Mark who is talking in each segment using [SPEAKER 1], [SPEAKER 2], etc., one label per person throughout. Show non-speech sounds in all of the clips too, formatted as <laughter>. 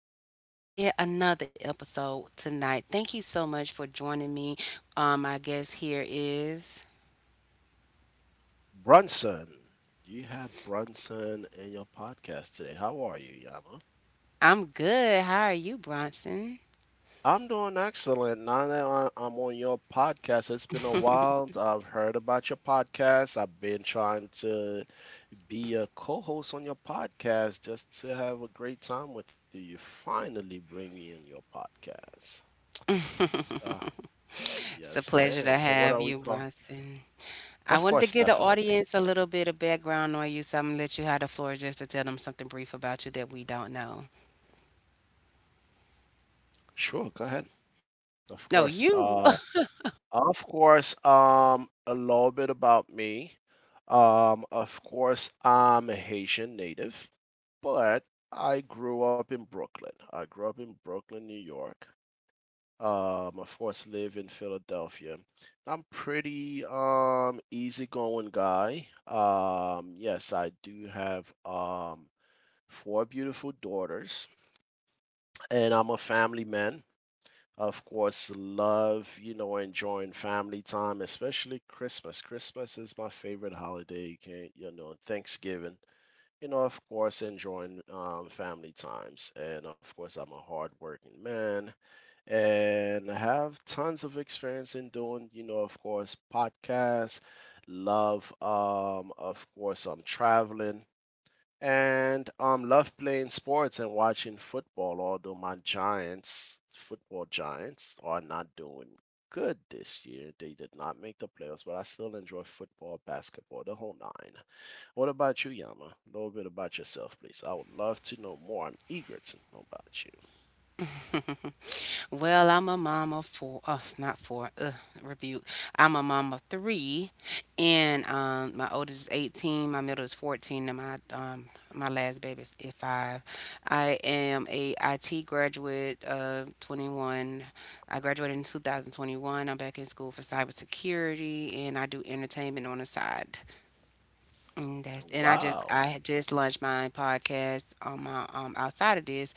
[SPEAKER 1] with Yama, and yet another episode tonight. Thank you so much for joining me. My guest here is
[SPEAKER 2] Brunson. Do you have Brunson in your podcast today? How are you, Yama?
[SPEAKER 1] I'm good. How are you, Bronson?
[SPEAKER 2] I'm doing excellent. Now that I'm on your podcast, it's been a while. I've heard about your podcast. I've been trying to be a co host on your podcast just to have a great time with you. You finally bring me in your podcast. So,
[SPEAKER 1] It's
[SPEAKER 2] yes,
[SPEAKER 1] a pleasure
[SPEAKER 2] ma'am.
[SPEAKER 1] to
[SPEAKER 2] So, what are
[SPEAKER 1] have
[SPEAKER 2] we
[SPEAKER 1] you,
[SPEAKER 2] talking?
[SPEAKER 1] Bronson. I
[SPEAKER 2] Of
[SPEAKER 1] wanted to
[SPEAKER 2] course,
[SPEAKER 1] give the
[SPEAKER 2] definitely.
[SPEAKER 1] audience a little bit of background on you, so I'm gonna let you have the floor just to tell them something brief about you that we don't know.
[SPEAKER 2] Sure, go ahead. Of
[SPEAKER 1] No,
[SPEAKER 2] course.
[SPEAKER 1] you.
[SPEAKER 2] uh, Of course, a little bit about me. Of course, I'm a Haitian native, but I grew up in Brooklyn. I grew up in Brooklyn, New York. Of course, live in Philadelphia. I'm pretty easygoing guy. Yes, I do have four beautiful daughters, and I'm a family man. Of course, love, enjoying family time, especially Christmas. Christmas is my favorite holiday. You can, not you know, Thanksgiving. You know, of course, enjoying family times. And of course, I'm a hardworking man and I have tons of experience in doing, of course, podcasts, love, of course, I'm traveling and love playing sports and watching football. Although my Giants, football Giants, are not doing good this year. They did not make the playoffs, but I still enjoy football, basketball, the whole nine. What about you, Yama? A little bit about yourself, please. I would love to know more. I'm eager to know about you.
[SPEAKER 1] <laughs> Well, I'm a mom of four. Oh, it's not four. Ugh, rebuke. I'm a mom of three, and my oldest is 18, my middle is 14, and my last baby is five. I am a IT graduate of 21. I graduated in 2021. I'm back in school for cybersecurity, and I do entertainment on the side. And that's and I just I
[SPEAKER 2] Wow.
[SPEAKER 1] had just launched my podcast on my outside of this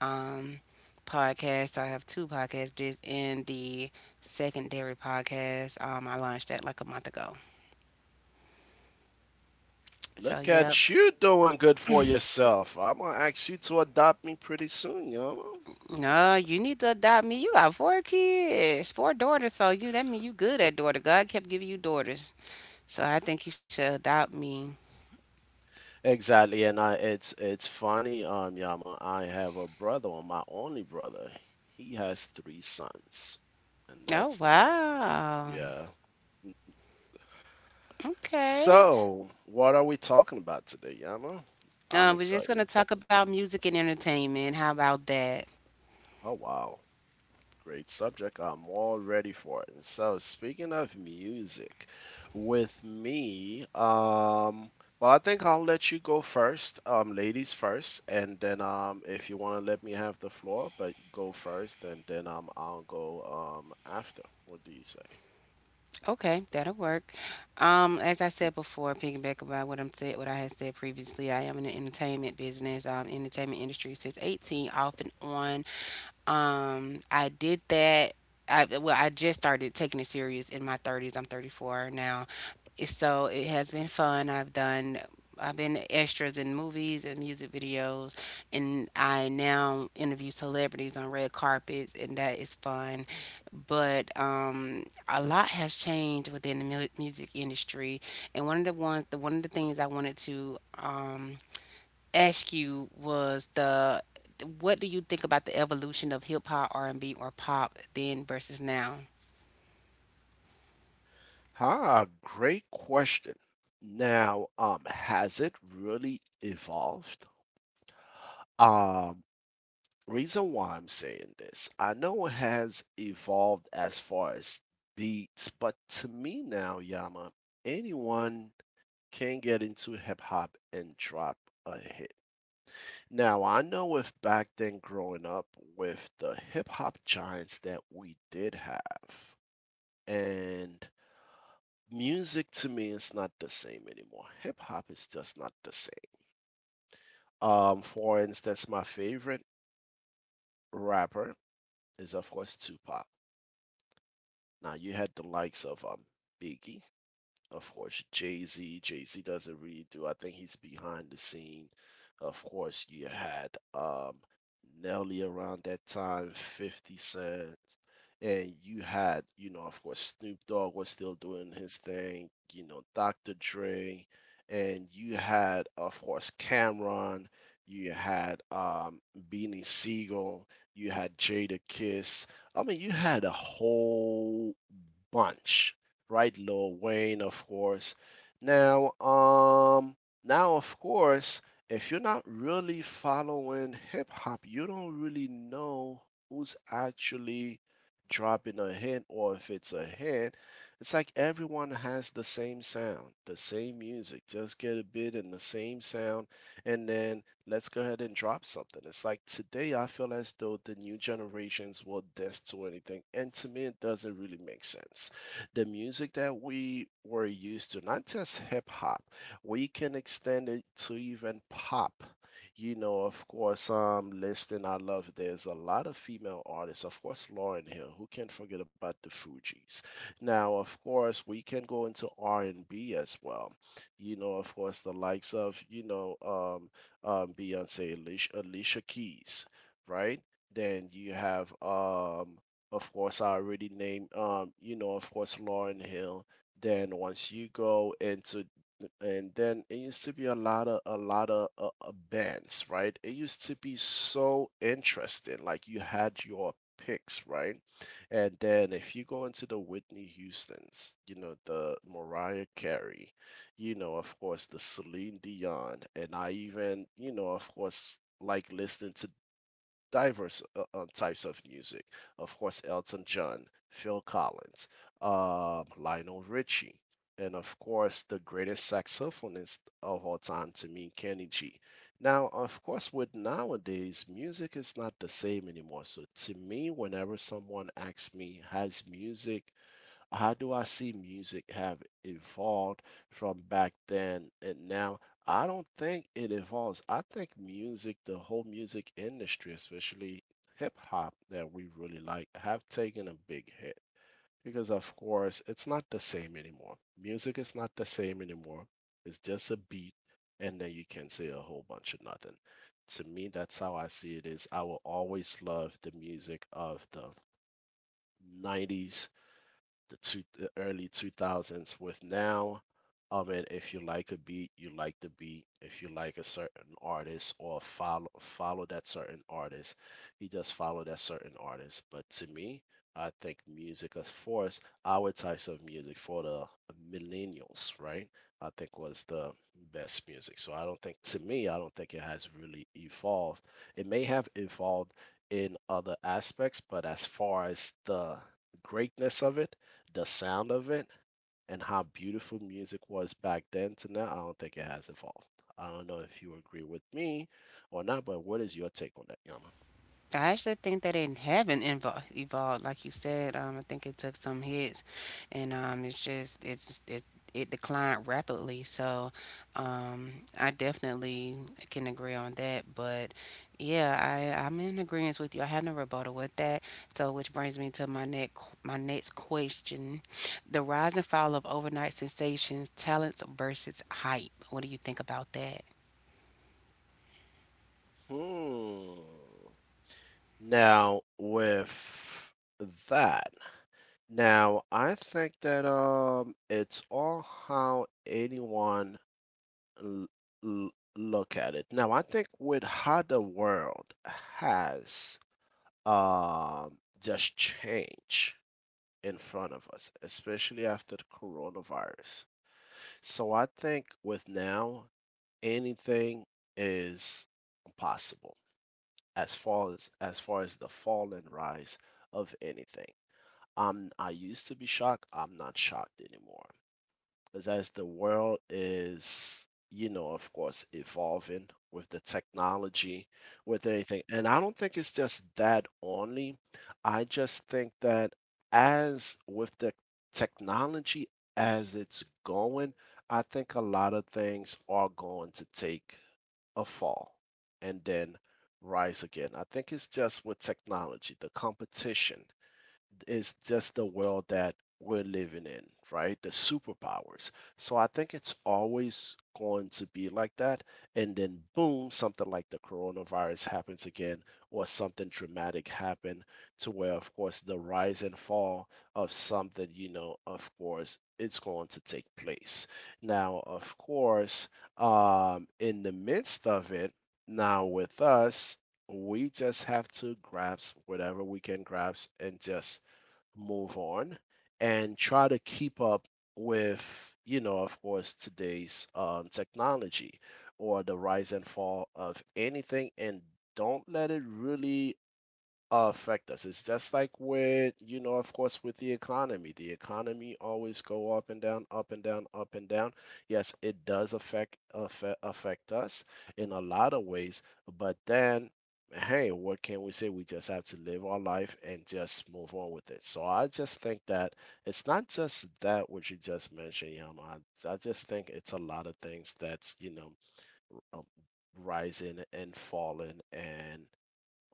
[SPEAKER 1] um, podcast. I have two podcasts. This and the secondary podcast. I launched that like a month ago. So
[SPEAKER 2] Look
[SPEAKER 1] yep.
[SPEAKER 2] at you doing good for yourself. I'm gonna ask you to adopt me pretty soon, Yama.
[SPEAKER 1] No, you need to adopt me. You got four kids, four daughters. So you that mean you good at daughter. God kept giving you daughters. So I think you should adopt me.
[SPEAKER 2] Exactly, and I it's funny, Yama. I have a brother, or my only brother. He has three sons, and
[SPEAKER 1] Oh
[SPEAKER 2] that's the thing.
[SPEAKER 1] wow.
[SPEAKER 2] Yeah.
[SPEAKER 1] Okay.
[SPEAKER 2] So, what are we talking about today, Yama? I'm
[SPEAKER 1] We're just
[SPEAKER 2] excited.
[SPEAKER 1] gonna talk about music and entertainment. How about that?
[SPEAKER 2] Oh, wow. Great subject. I'm all ready for it. And so, speaking of music, with me, well, I think I'll let you go first, ladies first, and then if you want to let me have the floor, but go first, and then I'll go after. What do you say?
[SPEAKER 1] Okay, that'll work. As I said before, piggyback about what I had said previously, I am in the entertainment business, entertainment industry since 18, off and on. I did that. I well, I just started taking it serious in my 30s. I'm 34 now, so it has been fun. I've been extras in movies and music videos, and I now interview celebrities on red carpets, and that is fun. But a lot has changed within the music industry, and one of the things I wanted to ask you was the what do you think about the evolution of hip hop, R&B or pop then versus now?
[SPEAKER 2] Ah, great question. Now, has it really evolved? Um, reason why I'm saying this, I know it has evolved as far as beats, but to me now, Yama, anyone can get into hip hop and drop a hit. Now, I know with back then growing up with the hip hop giants that we did have, and music to me is not the same anymore. Hip hop is just not the same. For instance, my favorite rapper is, of course, Tupac. Now you had the likes of Biggie, of course, Jay Z. Jay Z doesn't really do. I think he's behind the scene. Of course, you had Nelly around that time, 50 Cent, and you had, of course, Snoop Dogg was still doing his thing, Dr. Dre, and you had, of course, Cameron, you had Beanie Siegel, you had Jada Kiss. I mean, you had a whole bunch right, Lil Wayne, of course. Now, um, now, of course, if you're not really following hip hop, you don't really know who's actually dropping a hint or if it's a hint. It's like everyone has the same sound, the same music. Just get a bit in the same sound, and then let's go ahead and drop something. It's like today, I feel as though the new generations will dance to anything, and to me, it doesn't really make sense the music that we were used to, not just hip hop, we can extend it to even pop. You know, of course, listening, I love, there's a lot of female artists, of course, Lauren Hill, who can't forget about the Fugees. Now, of course, we can go into R&B as well. You know, of course, the likes of, Beyonce, Alicia Keys, right? Then you have of course, I already named, of course, Lauren Hill. Then once you go into, and then it used to be a lot of bands, right? It used to be so interesting. Like you had your picks, right? And then if you go into the Whitney Houston's, you know, the Mariah Carey, you know, of course, the Celine Dion, and I even, of course, like listening to diverse types of music. Of course, Elton John, Phil Collins, Lionel Richie, and of course, the greatest saxophonist of all time to me, Kenny G. Now, of course, with nowadays, music is not the same anymore. So, to me, whenever someone asks me, has music how do I see music have evolved from back then and now? I don't think it evolves. I think music, the whole music industry, especially hip hop that we really like, have taken a big hit because, of course, it's not the same anymore. Music is not the same anymore. It's just a beat, and then you can say a whole bunch of nothing. To me, that's how I see it is. I will always love the music of the 90s, the early 2000s with now. And if you like a beat, you like the beat. If you like a certain artist or follow that certain artist, you just follow that certain artist. But to me, I think music, as far as our types of music for the millennials, right, I think was the best music. So I don't think to me, I don't think it has really evolved. It may have evolved in other aspects, but as far as the greatness of it, the sound of it, and how beautiful music was back then to now, I don't think it has evolved. I don't know if you agree with me or not, but what is your take on that, Yama?
[SPEAKER 1] I actually think that it haven't evolved, like you said. I think it took some hits, and it's just it's it it declined rapidly. So, um, I definitely can agree on that. But yeah, I'm in agreement with you. I have no rebuttal with that. So, which brings me to my next question: the rise and fall of overnight sensations, talents versus hype. What do you think about that?
[SPEAKER 2] Hmm. Now, with that, now I think that it's all how anyone l- l- look at it. Now, I think with how the world has just changed in front of us, especially after the coronavirus. So I think with now anything is possible as far as the fall and rise of anything. I used to be shocked. I'm not shocked anymore. Because as the world is, of course, evolving with the technology, with anything, and I don't think it's just that only. I just think that as with the technology as it's going, I think a lot of things are going to take a fall and then rise again. I think it's just with technology, the competition, is just the world that we're living in, right? The superpowers. So I think it's always going to be like that. And then, boom, something like the coronavirus happens again, or something dramatic happened to where, of course, the rise and fall of something, of course, it's going to take place. Now, of course, in the midst of it, now with us, we just have to grasp whatever we can grasp and just move on and try to keep up with, of course, today's technology or the rise and fall of anything, and don't let it really affect us. It's just like with, of course, with the economy. The economy always go up and down, up and down, up and down. Yes, it does affect us in a lot of ways, but then hey, what can we say? We just have to live our life and just move on with it. So I just think that it's not just that what you just mentioned, Yama. I just think it's a lot of things that's, um, rising and falling and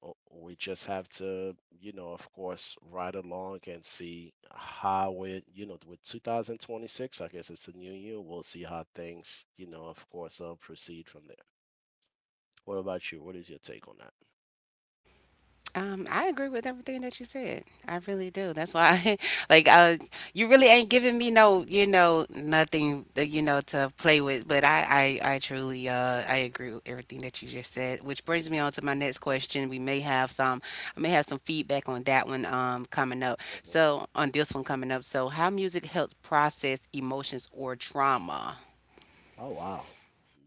[SPEAKER 2] we just have to, of course, ride along and see how it, you know, with 2026, I guess it's a new year. We'll see how things, of course, proceed from there. What about you? What is your take on that?
[SPEAKER 1] I agree with everything that you said. I really do. That's why, <laughs> like, uh, you really ain't giving me no, you know, nothing, that, you know, to play with. But I truly, I agree with everything that you just said. Which brings me on to my next question. We may have some, I may have some feedback on that one, coming up.
[SPEAKER 2] Mhm.
[SPEAKER 1] So on this one coming up. So how music helps process emotions or trauma.
[SPEAKER 2] Oh, wow.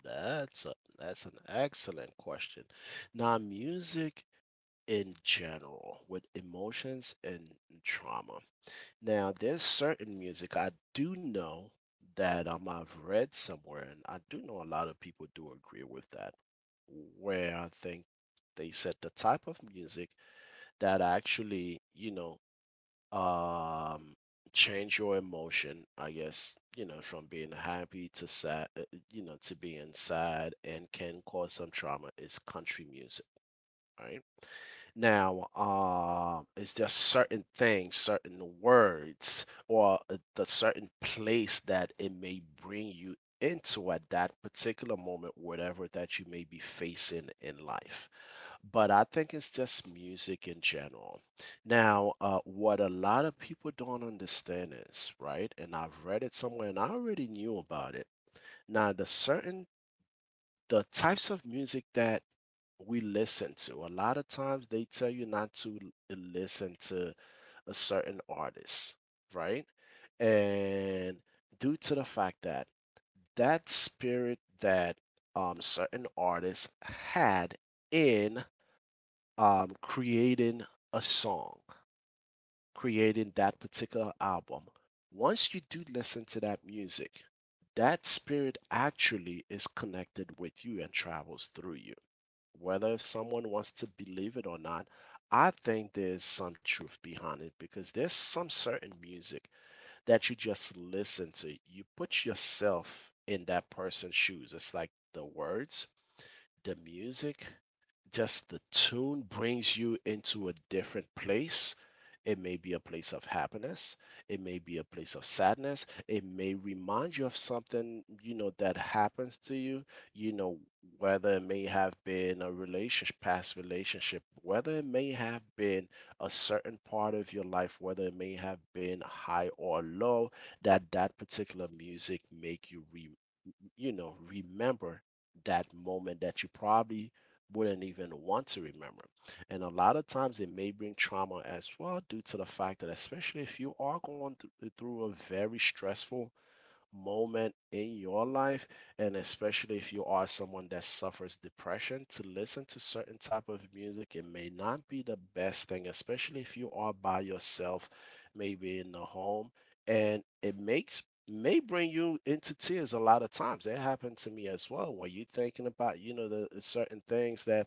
[SPEAKER 2] That's an excellent question. Now, music in general, with emotions and trauma. Now, there's certain music I do know that I've read somewhere, and I do know a lot of people do agree with that, where I think they said the type of music that actually, um, change your emotion, I guess, from being happy to sad, you know, to being sad and can cause some trauma is country music, right? Now, is there certain things, certain words, or the certain place that it may bring you into at that particular moment, whatever that you may be facing in life? But I think it's just music in general. Now, what a lot of people don't understand is, right, and I've read it somewhere and I already knew about it. Now, the types of music that we listen to, a lot of times they tell you not to listen to a certain artist, right? And due to the fact that that spirit that certain artists had in creating a song, creating that particular album, once you do listen to that music, that spirit actually is connected with you and travels through you, whether if someone wants to believe it or not. I think there's some truth behind it because there's some certain music that you just listen to. You put yourself in that person's shoes. It's like the words, the music, just the tune brings you into a different place. It may be a place of happiness. It may be a place of sadness. It may remind you of something, you know, that happens to you, you know, whether it may have been a relationship, past relationship, whether it may have been a certain part of your life, whether it may have been high or low, that that particular music make you remember that moment that you probably wouldn't even want to remember. And a lot of times it may bring trauma as well, due to the fact that, especially if you are going through a very stressful moment in your life, and especially if you are someone that suffers depression, to listen to certain type of music, it may not be the best thing, especially if you are by yourself, maybe in the home, and it makes may bring you into tears. A lot of times that happened to me as well, when you are thinking about, you know, the certain things that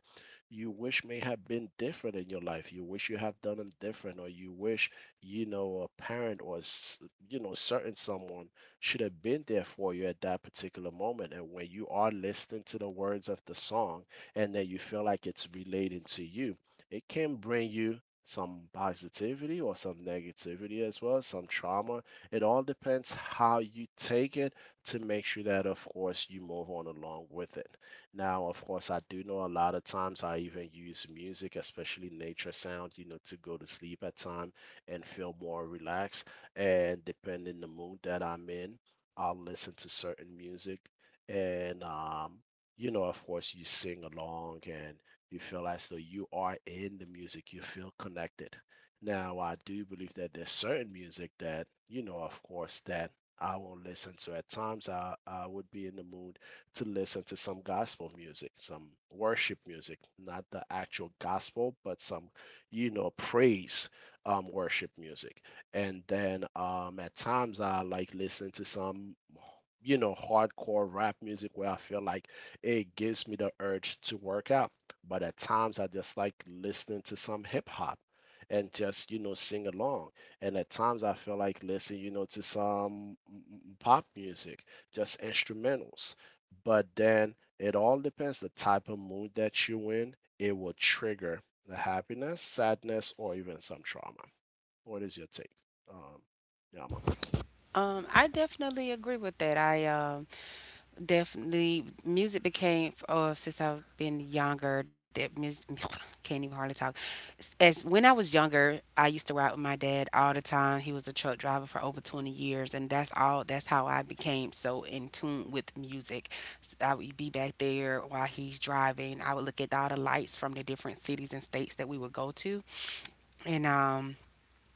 [SPEAKER 2] you wish may have been different in your life, you wish you have done them different, or you wish, you know, a parent or certain someone should have been there for you at that particular moment. And when you are listening to the words of the song and that you feel like it's relating to you, it can bring you some positivity or some negativity as well, some trauma. It all depends how you take it, to make sure that, of course, you move on along with it. Now, of course, I do know a lot of times I even use music, especially nature sound, you know, to go to sleep at time and feel more relaxed, and depending the mood that I'm in, I'll listen to certain music, and you know, of course, you sing along and you feel as though you are in the music. You feel connected. Now, I do believe that there's certain music that, you know, of course, that I won't listen to. At times, I would be in the mood to listen to some gospel music, some worship music, not the actual gospel, but some, you know, praise, worship music. And then at times I like listen to some, you know, hardcore rap music where I feel like it gives me the urge to work out. But at times I just like listening to some hip hop and just, you know, sing along. And at times I feel like listening, you know, to some pop music, just instrumentals. But then it all depends the type of mood that you're in. It will trigger the happiness, sadness, or even some trauma. What is your take? Um, Yama.
[SPEAKER 1] I definitely agree with that. I Definitely, music became oh since I've been younger. That music <laughs> <sniffs> can't even hardly talk. As when I was younger, I used to ride with my dad all the time. He was a truck driver for over 20 years, and that's all. That's how I became so in tune with music. I would be back there while he's driving. I would look at all the lights from the different cities and states that we would go to, and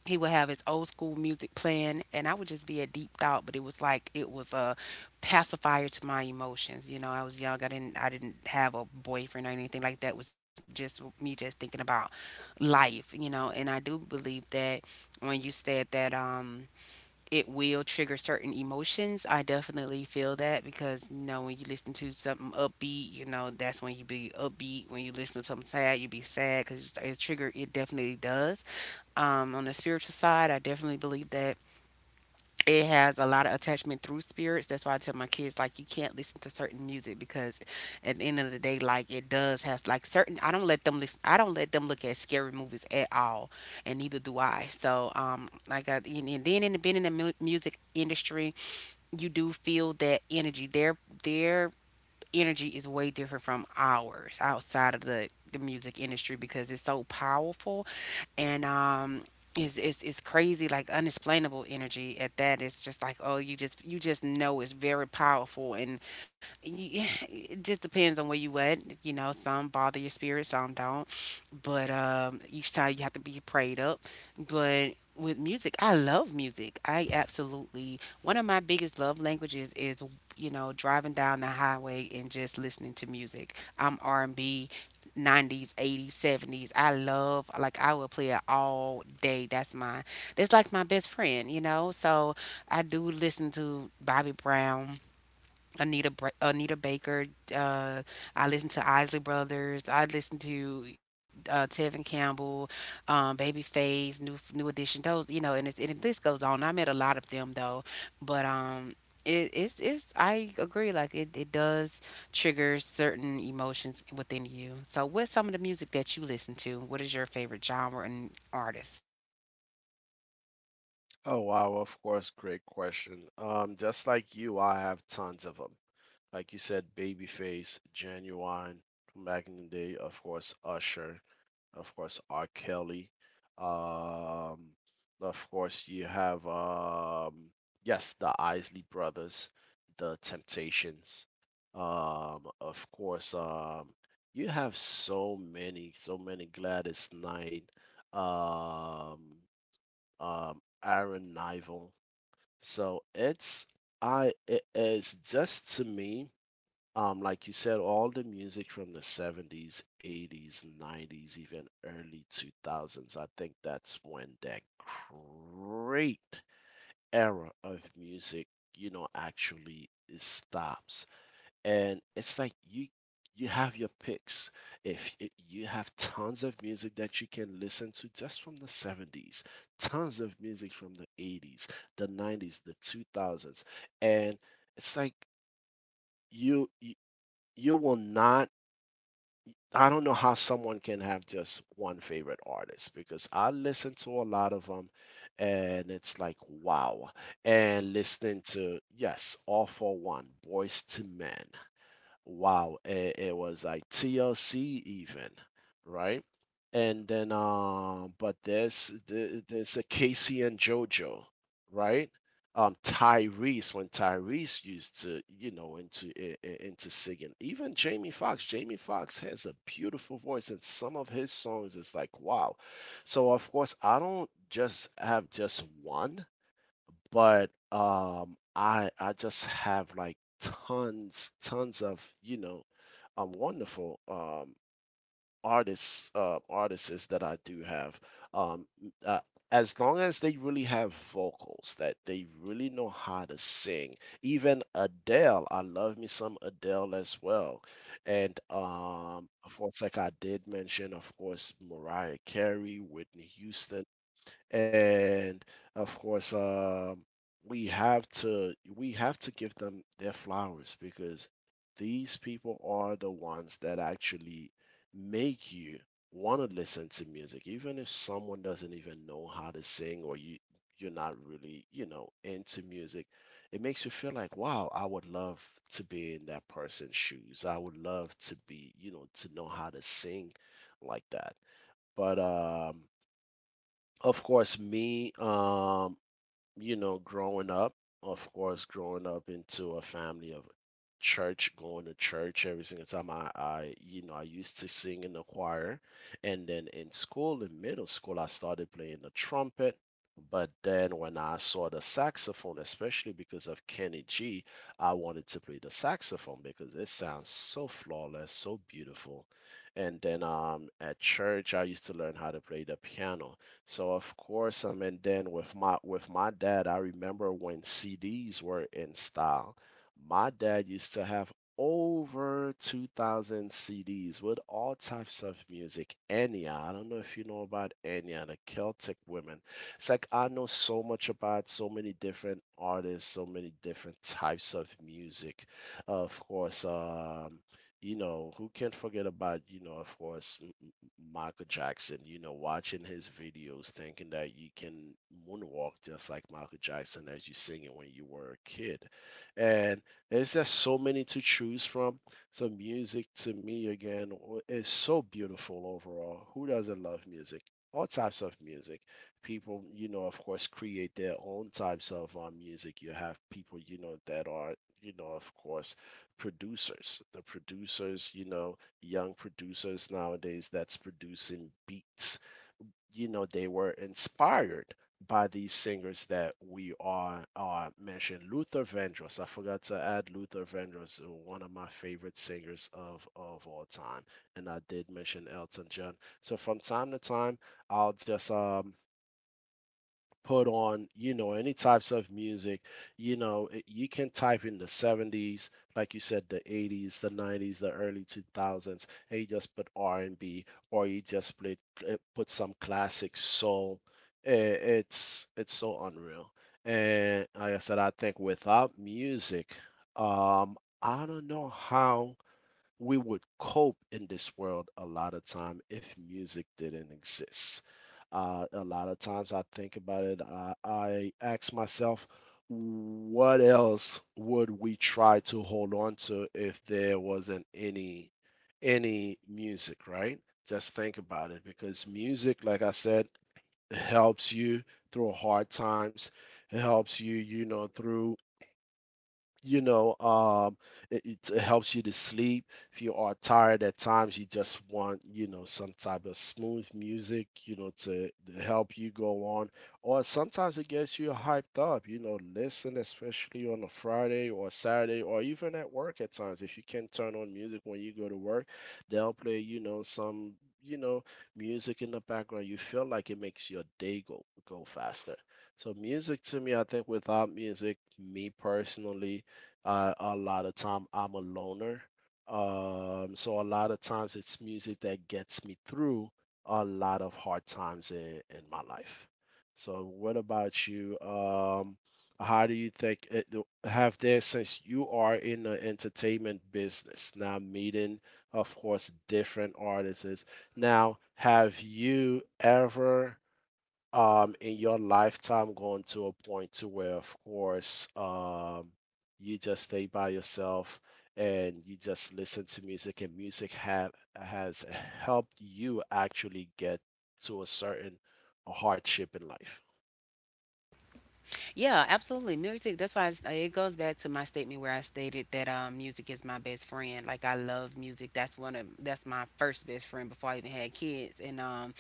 [SPEAKER 1] he would have his old school music playing, and I would just be a deep thought. But it was like it was a pacifier to my emotions. You know, I was young, I didn't have a boyfriend or anything like that. It was just me just thinking about life, you know. And I do believe that when you said that it will trigger certain emotions. I definitely feel that because you know when you listen to something upbeat, you know that's when you be upbeat. When you listen to something sad, you be sad because it trigger. It definitely does. On the spiritual side, I definitely believe that it has a lot of attachment through spirits. That's why I tell my kids, like, you can't listen to certain music because at the end of the day, like it does have like certain I don't let them look at scary movies at all. And neither do I. So like I and then in the being in the music industry, you do feel that energy. Their energy is way different from ours outside of the music industry because it's so powerful, and is is crazy, like unexplainable energy at that. It's just like, oh, you just know it's very powerful. And you, <sighs> it just depends on where you at. You know, some bother your spirit, some don't. But each time you have to be prayed up. But with music, I love music. I absolutely, one of my biggest love languages is, you know, driving down the highway and just listening to music. I'm R&B, 90s, 80s, 70s. I love, like I will play it all day. That's like my best friend, you know. So I do listen to Bobby Brown. Anita Baker. Uh, I listen to Isley Brothers. I listen to Tevin Campbell, Babyface, New Edition. Those, you know, and it's, and the list goes on. I met a lot of them though, but it's, I agree. Like it does trigger certain emotions within you. So, what's some of the music that you listen to? What is your favorite genre and artist?
[SPEAKER 2] Oh, wow, of course, great question. Just like you, I have tons of them. Like you said, Babyface, Genuine, from back in the day, of course, Usher, of course, R. Kelly. Um, of course, you have, yes, the Isley Brothers, the Temptations. Of course, you have so many Gladys Knight, um, Aaron Nival. So, it is just to me, like you said, all the music from the 70s, 80s, 90s, even early 2000s. I think that's when that great era of music, you know, actually stops. And it's like you have your picks. If you have tons of music that you can listen to just from the 70s, tons of music from the 80s, the 90s, the 2000s, and it's like you you, you will not. I don't know how someone can have just one favorite artist, because I listen to a lot of them, and it's like wow. And listening to, yes, All for One, Boys to Men. Wow, it was like TLC even, right? And then but there's a Casey and JoJo, right? Tyrese, when Tyrese used to, you know, into singing. Even Jamie Foxx, Jamie Foxx has a beautiful voice, and some of his songs is like wow. So of course I don't just have just one, but I just have like tons of, you know, wonderful, artists that I do have, um n- uh, as long as they really have vocals that they really know how to sing. Even Adele, I love me some Adele as well. And of course, like I did mention, of course, Mariah Carey, Whitney Houston. And of course, we have to give them their flowers because these people are the ones that actually make you want to listen to music, even if someone doesn't even know how to sing, or you're not really, you know, into music, it makes you feel like, wow, I would love to be in that person's shoes, I would love to be, you know, to know how to sing like that. But of course, me, you know, growing up, of course, growing up into a family of church, going to church every single time, I you know I used to sing in the choir. And then in middle school, I started playing the trumpet. But then, when I saw the saxophone, especially because of Kenny G, I wanted to play the saxophone because it sounds so flawless, so beautiful. And then at church, I used to learn how to play the piano. So, of course, and then with my dad, I remember when CDs were in style. My dad used to have over 2,000 CDs with all types of music. Enya, I don't know if you know about Enya, the Celtic women. It's like I know so much about so many different artists, so many different types of music. Of course, you know, who can't forget about, you know, of course, Michael Jackson, you know, watching his videos, thinking that you can moonwalk just like Michael Jackson as you sing it when you were a kid. And there's just so many to choose from. So music to me again is so beautiful overall. Who doesn't love music? All types of music. People, you know, of course, create their own types of music. You have people, you know, that are, you know, of course, producers. The producers, you know, young producers nowadays that's producing beats. You know, they were inspired by these singers that we are mentioned. Luther Vandross. I forgot to add Luther Vandross, one of my favorite singers of, all time. And I did mention Elton John. So from time to time, I'll just put on, you know, any types of music. You know, you can type in the 70s, like you said, the 80s, the 90s, the early 2000s, and you just put R&B, or you just put some classic soul. I- it's so unreal. And like I said, I think without music, I don't know how we would cope in this world a lot of time if music didn't exist. A lot of times I think about it, I ask myself, what else would we try to hold on to if there wasn't any music, right? Just think about it, because music, like I said, helps you through hard times. It helps you, you know, through, you know um it helps you to sleep if you are tired. At times you just want, you know, some type of smooth music, you know, to help you go on. Or sometimes it gets you hyped up, you know. Listen, especially on a Friday or Saturday, or even at work at times, if you can turn on music when you go to work, they'll play, you know, some, you know, music in the background. You feel like it makes your day go faster. So music to me, I think without music, me personally, a lot of time I'm a loner. So, a lot of times it's music that gets me through a lot of hard times in my life. So what about you? How do you think it have there, since you are in the entertainment business now, meeting, of course, different artists? Now, have you ever in your lifetime going to a point to where, of course, you just stay by yourself and you just listen to music, and music have has helped you actually get to a certain hardship in life?
[SPEAKER 1] Yeah, absolutely. Music. That's why it goes back to my statement where I stated that music is my best friend. Like I love music. That's one of that's my first best friend before I even had kids. And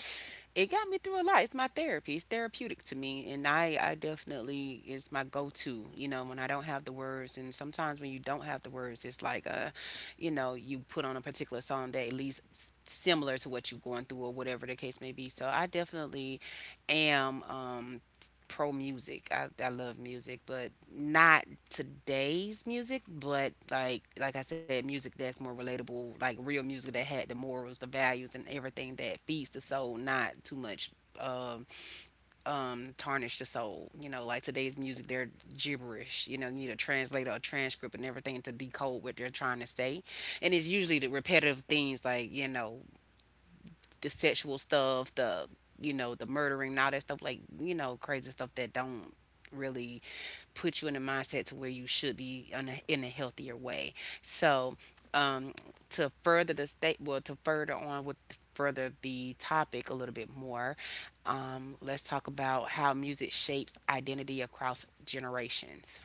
[SPEAKER 1] it got me through a lot. It's my therapy. It's therapeutic to me, and I definitely, it's my go to. You know, when I don't have the words, and sometimes when you don't have the words, it's like you know, you put on a particular song that at least similar to what you're going through or whatever the case may be. So I definitely am. Pro music. I love music, but not today's music. But like I said, music that's more relatable, like real music that had the morals, the values, and everything that feeds the soul, not too much um tarnish the soul. You know, like today's music, they're gibberish. You know, you need a translator, a transcript, and everything to decode what they're trying to say. And it's usually the repetitive things like, you know, the sexual stuff, the you know, the murdering, and all that stuff, like, you know, crazy stuff that don't really put you in a mindset to where you should be in in a healthier way. So, um, to further on with, further the topic a little bit more, let's talk about how music shapes identity across generations.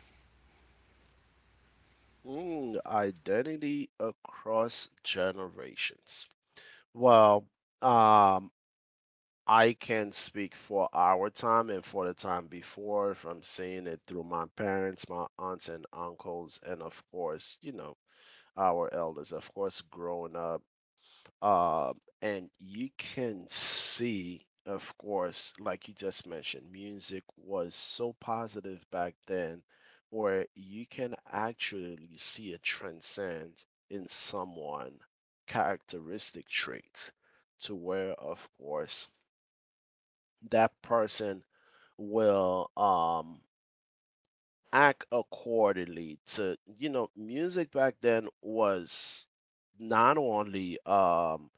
[SPEAKER 2] Mm, identity across generations. Well, um I can speak for our time and for the time before, from seeing it through my parents, my aunts and uncles, and of course, you know, our elders, of course, growing up. Uh, and you can see, of course, like you just mentioned, music was so positive back then, where you can actually see a transcend in someone characteristic traits to where, of course, that person will act accordingly. To, you know, music back then was not only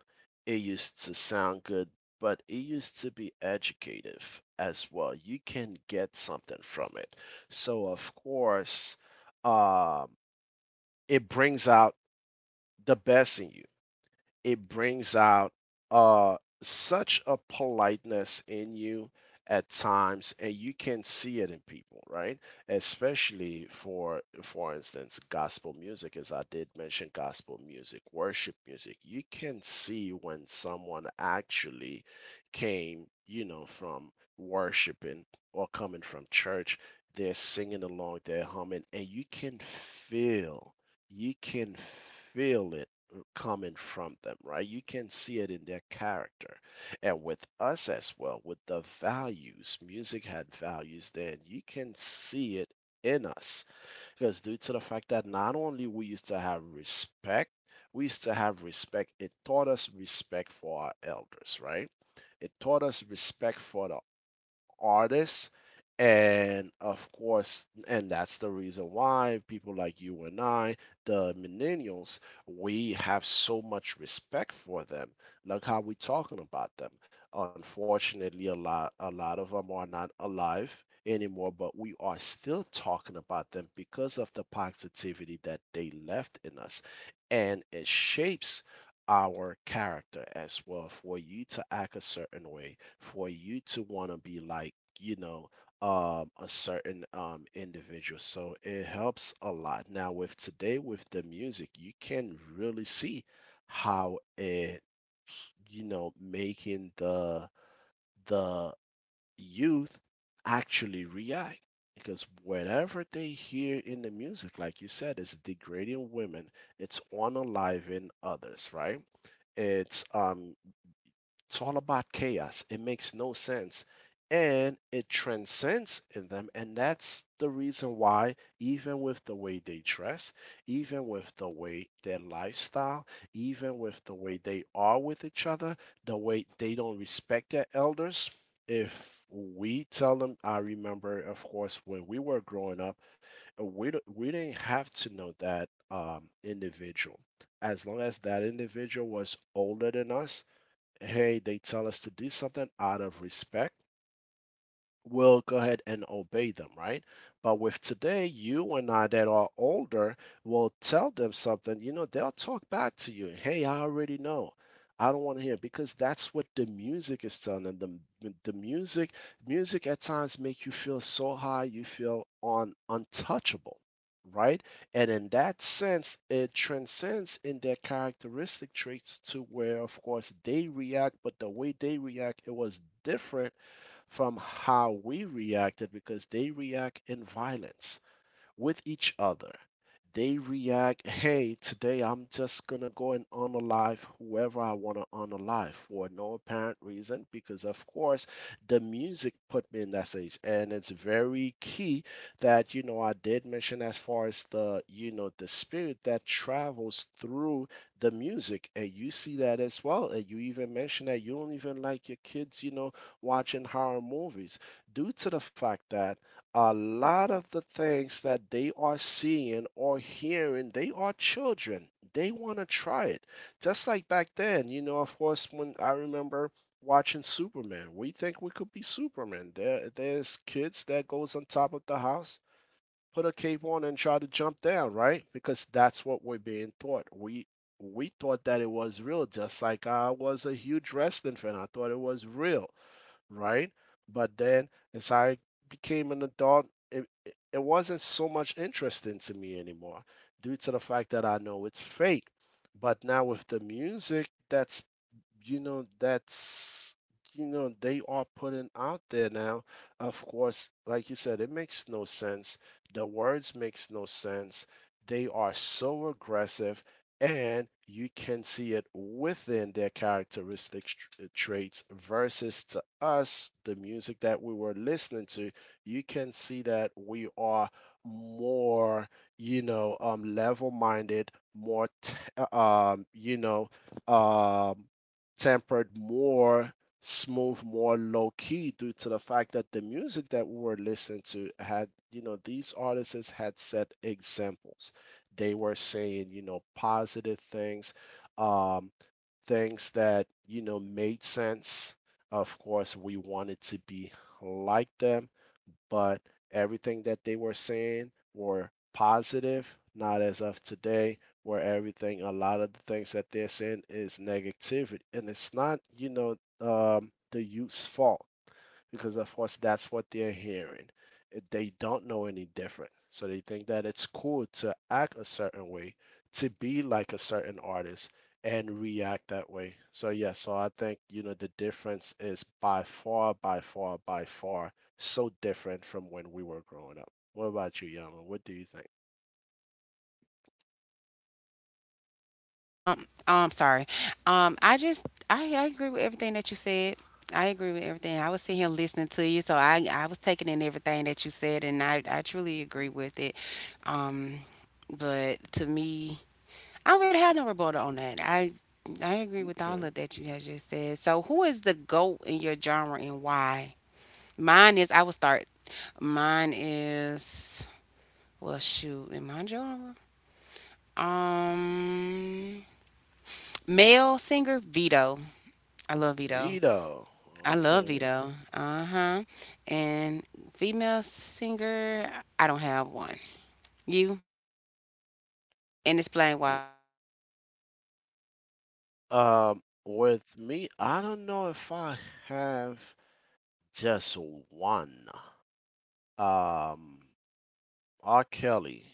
[SPEAKER 2] it used to sound good, but it used to be educative as well. You can get something from it. So of course, um it brings out the best in you. It brings out uh such a politeness in you at times, and you can see it in people, right? Especially for instance gospel music. As I did mention, gospel music, worship music, you can see when someone actually came, you know, from worshiping or coming from church, they're singing along, they're humming, and you can feel, you can feel it coming from them, right? You can see it in their character. And with us as well, with the values, music had values then, you can see it in us. Because due to the fact that not only we used to have respect, we used to have respect, it taught us respect for our elders, right? It taught us respect for the artists, and of course, and that's the reason why people like you and I, the millennials, we have so much respect for them. Look how we're talking about them. Unfortunately, a lot of them are not alive anymore, but we are still talking about them because of the positivity that they left in us. And it shapes our character as well, for you to act a certain way, for you to want to be like, you know, a certain individual. So it helps a lot. Now, with today, with the music, you can really see how it, you know, making the youth actually react, because whatever they hear in the music, like you said, is degrading women, it's unaliving others, right? It's it's all about chaos. It makes no sense. And it transcends in them. And that's the reason why, even with the way they dress, even with the way their lifestyle, even with the way they are with each other, the way they don't respect their elders, if we tell them, I remember, of course, when we were growing up, we didn't have to know that individual. As long as that individual was older than us, hey, they tell us to do something, out of respect will go ahead and obey them, right? But with today, you and I that are older will tell them something, you know, they'll talk back to you. Hey, I already know. I don't want to hear it, because that's what the music is telling them. Music at times make you feel so high, you feel on untouchable, right? And in that sense, it transcends in their characteristic traits to where, of course, they react, but the way they react, it was different from how we reacted, because they react in violence with each other. They react, hey, today I'm just going to go and unalive whoever I want to unalive for no apparent reason, because of course the music put me in that stage. And it's very key that, you know, I did mention, as far as the, you know, the spirit that travels through the music. And you see that as well. And you even mentioned that you don't even like your kids, you know, watching horror movies due to the fact that a lot of the things that they are seeing or hearing, they are children. They want to try it. Just like back then, you know, of course, when I remember watching Superman, we think we could be Superman. There's kids that goes on top of the house, put a cape on, and try to jump down, right? Because that's what we're being taught. We thought that it was real, just like I was a huge wrestling fan. I thought it was real, right? But then as I became an adult, it wasn't so much interesting to me anymore due to the fact that I know it's fake. But now with the music that's, you know, that's, you know, they are putting out there now, of course, like you said, it makes no sense, the words makes no sense, they are so aggressive. And you can see it within their characteristic traits, versus to us the music that we were listening to, you can see that we are more, you know, level minded, more uh, you know, um tempered, more smooth, more low key, due to the fact that the music that we were listening to had, you know, these artists had set examples. They were saying, you know, positive things, um, things that, you know, made sense. Of course, we wanted to be like them, but everything that they were saying were positive, not as of today, where everything, a lot of the things that they're saying is negativity. And it's not, you know, the youth's fault, because of course that's what they're hearing. They don't know any different. So they think that it's cool to act a certain way, to be like a certain artist and react that way. So yeah, so I think, you know, the difference is by far, by far, by far so different from when we were growing up. What about you, Yama? What do you think?
[SPEAKER 1] I'm sorry. I agree with everything that you said. I agree with everything. I was sitting here listening to you, so I was taking in everything that you said, and I truly agree
[SPEAKER 2] Mhm.
[SPEAKER 1] with it. Um, but to me, I would have no rebuttal on that. I agree with all
[SPEAKER 2] Okay.
[SPEAKER 1] of that you had just said. So, who is the goat in your genre and why? Mine is. I will start. Mine is. Well, shoot, in my genre, um, male singer Vito. I love Vito.
[SPEAKER 2] Vito.
[SPEAKER 1] I love
[SPEAKER 2] Okay.
[SPEAKER 1] Vito. Uh huh. And female singer, I don't have one. You? And explain why.
[SPEAKER 2] W- with me, I don't know if I have just one. um, R. Kelly,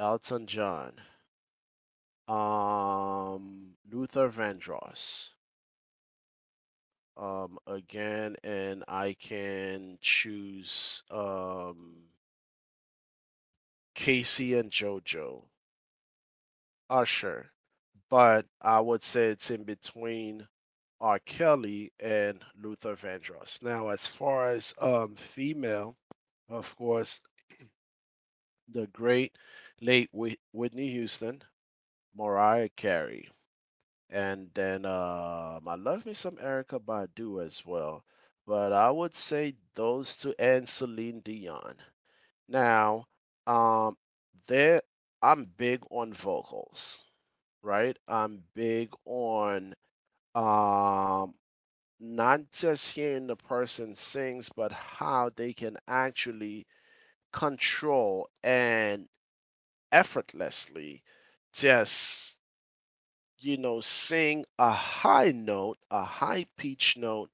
[SPEAKER 2] Elton John, Luther Vandross. Again, and I can choose Casey and JoJo, Usher. But I would say it's in between R. Kelly and Luther Vandross. Now, as far as female, of course, the great late Whitney Houston, Mariah Carey. And then I love me some Erica Badu as well. But I would say those two and Celine Dion. Now, um, there I'm big on vocals, right? I'm big on um, not just hearing the person sings, but how they can actually control and effortlessly just, you know, sing a high note, a high pitch note,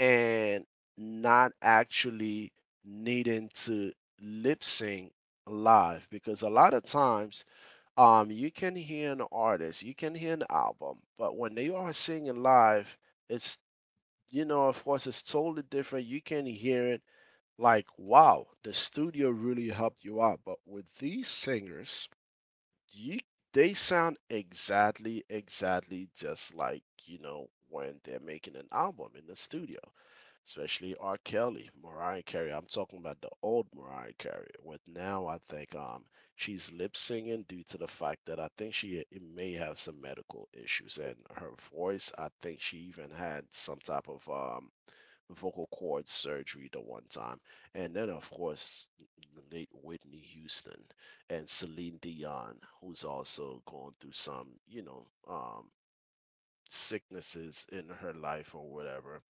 [SPEAKER 2] and not actually needing to lip sync live. Because a lot of times you can hear an artist, you can hear an album, but when they are singing live, it's, you know, of course, it's totally different. You can hear it like, wow, the studio really helped you out. But with these singers, you they sound exactly just like, you know, when they're making an album in the studio, especially R. Kelly, Mariah Carey. I'm talking about the old Mariah Carey. With now, I think she's lip singing due to the fact that I think she, it may have some medical issues, and her voice, I think she even had some type of vocal cord surgery the one time. And then, of course, the late Whitney Houston and Celine Dion, who's also going through some, you know, sicknesses in her life or whatever.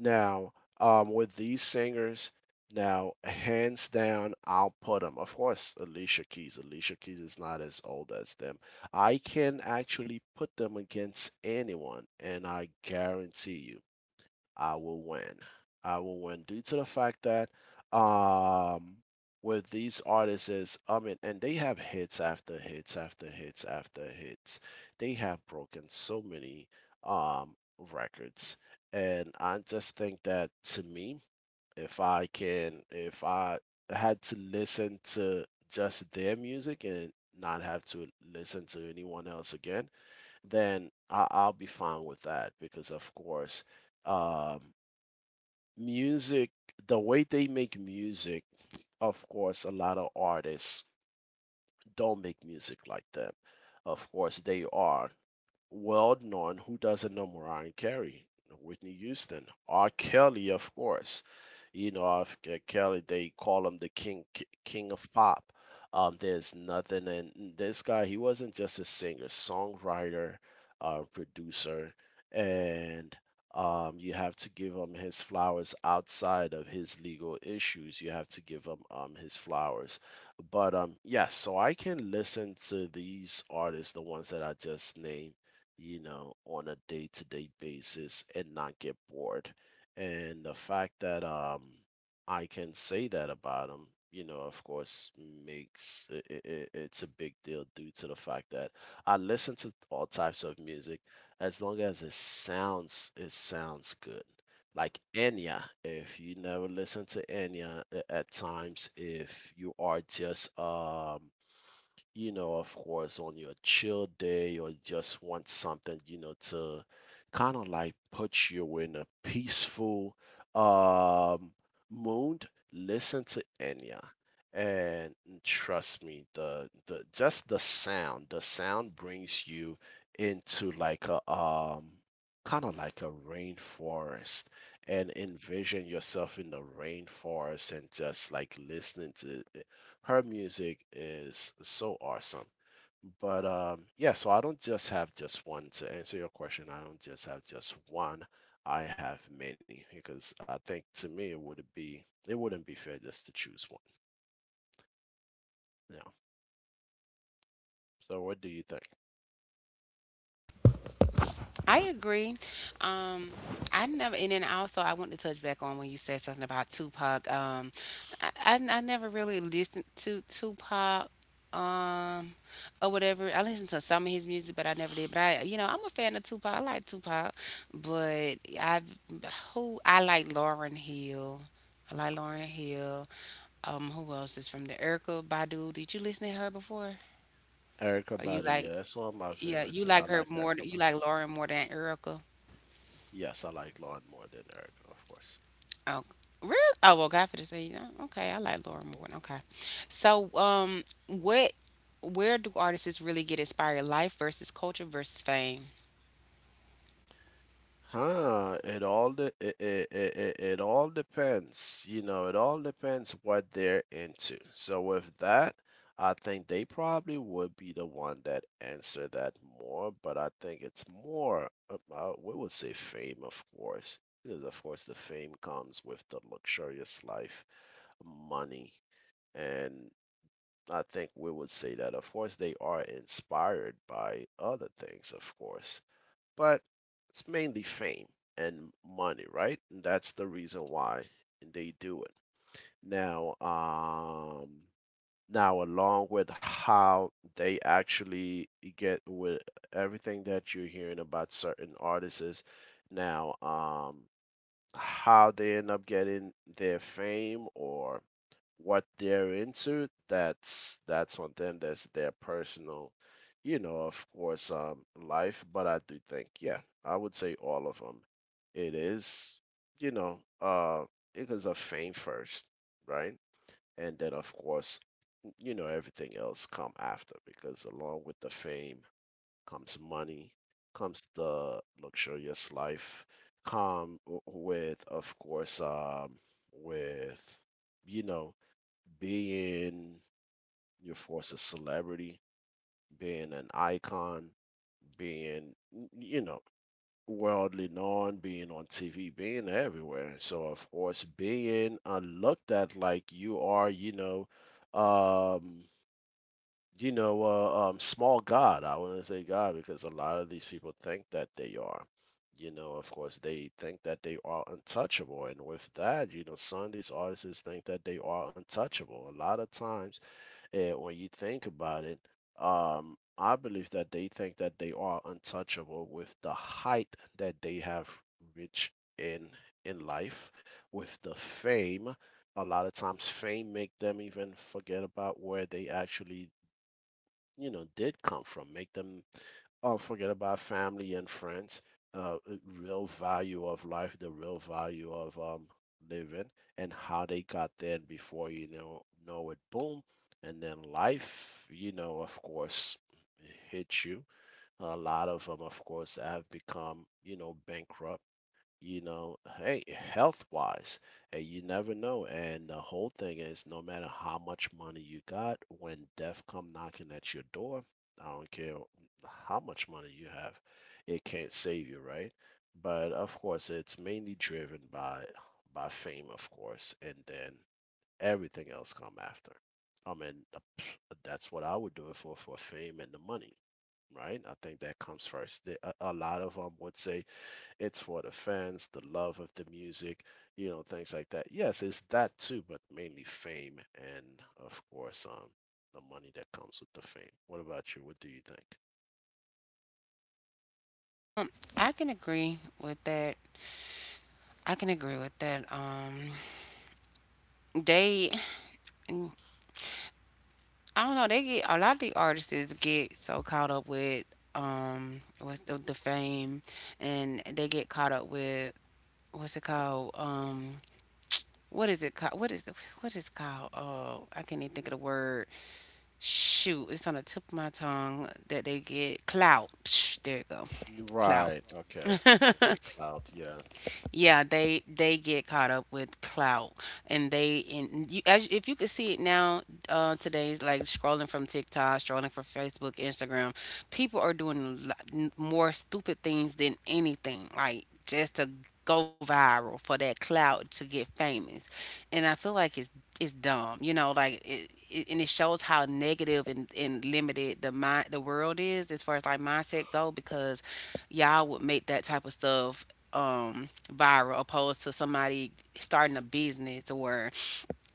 [SPEAKER 2] Now, with these singers, now, hands down, I'll put them. Of course, Alicia Keys. Alicia Keys is not as old as them. I can actually put them against anyone, and I guarantee you I will win. I will win, due to the fact that um with these artists is, I mean, and they have hits after hits after hits after hits. They have broken so many um records. And I just think that, to me, if I had to listen to just their music and not have to listen to anyone else again, then I'll be fine with that, because of course, um music, the way they make music, of course, a lot of artists don't make music like them. Of course, they are well known. Who doesn't know Mariah Carey, Whitney Houston, R. Kelly, of course. You know, of Kelly, they call him the king, king of pop. There's nothing, and this guy, he wasn't just a singer, songwriter, producer, and you have to give him his flowers outside of his legal issues. You have to give him his flowers. But yes, so I can listen to these artists, the ones that I just named, you know, on a day to day basis and not get bored. And the fact that I can say that about him, you know, of course, makes it's a big deal due to the fact that I listen to all types of music as long as it sounds good. Like Enya, if you never listen to Enya at times, if you are just you know, of course, on your chill day or just want something, you know, to kind of like put you in a peaceful um mood, listen to Enya. And trust me, the just the sound brings you into like a kind of like a rainforest and envision yourself in the rainforest and just like listening to her music is so awesome. But yeah, so I don't just have just one. To answer your question, I don't just have just one. I have many because I think to me it would be it wouldn't be fair just to choose one. Yeah. So what do you think?
[SPEAKER 1] I agree. Um, I never, and then also I want to touch back on when you said something about Tupac. I never really listened to Tupac. Um, or whatever. I listened to some of his music, but I never did. But I, you know, I'm a fan of Tupac. I like Tupac, but I've who I like Lauren Hill. I like Lauren Hill. Who else is from there? Erica Badu. Did you listen to her before?
[SPEAKER 2] Erica
[SPEAKER 1] Or you
[SPEAKER 2] Badu,
[SPEAKER 1] like,
[SPEAKER 2] yeah, that's one of my
[SPEAKER 1] yeah,
[SPEAKER 2] favorites.
[SPEAKER 1] you
[SPEAKER 2] And I
[SPEAKER 1] like her
[SPEAKER 2] like
[SPEAKER 1] more,
[SPEAKER 2] Erica
[SPEAKER 1] you
[SPEAKER 2] Badu.
[SPEAKER 1] like Lauren more than Erica?
[SPEAKER 2] Yes, I like Lauren more than Erica, of course.
[SPEAKER 1] Oh, really? Oh, well, God for the say, oh, okay, I like Lauren
[SPEAKER 2] Hmm.
[SPEAKER 1] more. Okay, so where do artists really get inspired? Life versus culture versus fame.
[SPEAKER 2] Huh, it all de- it all depends. You know, it all depends what they're into. So with that, I think they probably would be the one that answer that more, but I think it's more about we would say fame, of course, because of course the fame comes with the luxurious life, money, and I think we would say that of course they are inspired by other things, of course, but it's mainly fame and money, right? And that's the reason why they do it. Now, now along with how they actually get with everything that you're hearing about certain artists, now, how they end up getting their fame or what they're into, that's on them, that's their personal, you know, of course, life. But I do think, yeah, I would say all of them, it is, you know, it is a fame first, right? And then of course, you know, everything else come after because along with the fame comes money, comes the luxurious life, come w- with, of course, with, you know, being your force a celebrity, being an icon, being, you know, worldly known, being on TV, being everywhere. So, of course, being looked at like you are, um, you know, small God. I wouldn't say God because a lot of these people think that they are. You know, of course, they think that they are untouchable. And with that, you know, some of these artists think that they are untouchable. A lot of times, eh, when you think about it, I believe that they think that they are untouchable with the height that they have reached in life, with the fame. A lot of times fame make them even forget about where they actually, you know, did come from, make them forget about family and friends, real value of life, the real value of living and how they got there. And before you know it, boom, and then life, you know, of course, hits you. A lot of them of course have become, you know, bankrupt, you know, hey, health wise, and you never know. And the whole thing is, no matter how much money you got, when death come knocking at your door, I don't care how much money you have, it can't save you, right? But of course, it's mainly driven by fame, of course, and then everything else come after. I mean, that's what I would do it for fame and the money, right? I think that comes first. A lot of them would say it's for the fans, the love of the music, you know, things like that. Yes, it's that too, but mainly fame and of course the money that comes with the fame. What about you? What do you think?
[SPEAKER 1] Um, I can agree with that. I can agree with that. They I don't know. They get a lot of the artists get so caught up with what's the fame, and they get caught up with what's it called what is it called what is it called? Oh, I can't even think of the word. Shoot, it's on the tip of my tongue, that they get clout. Psh, there you go. Clout.
[SPEAKER 2] Right. Okay. Okay.
[SPEAKER 1] <laughs>
[SPEAKER 2] Cloud. Yeah.
[SPEAKER 1] Yeah, they get caught up with clout, and they and you, as if you could see it now, today's like scrolling from TikTok, scrolling from Facebook, Instagram, people are doing a lot more stupid things than anything, like just to go viral for that clout, to get famous, and I feel like it's dumb, you know, like it and it shows how negative and limited the world is as far as like mindset go, because y'all would make that type of stuff viral opposed to somebody starting a business or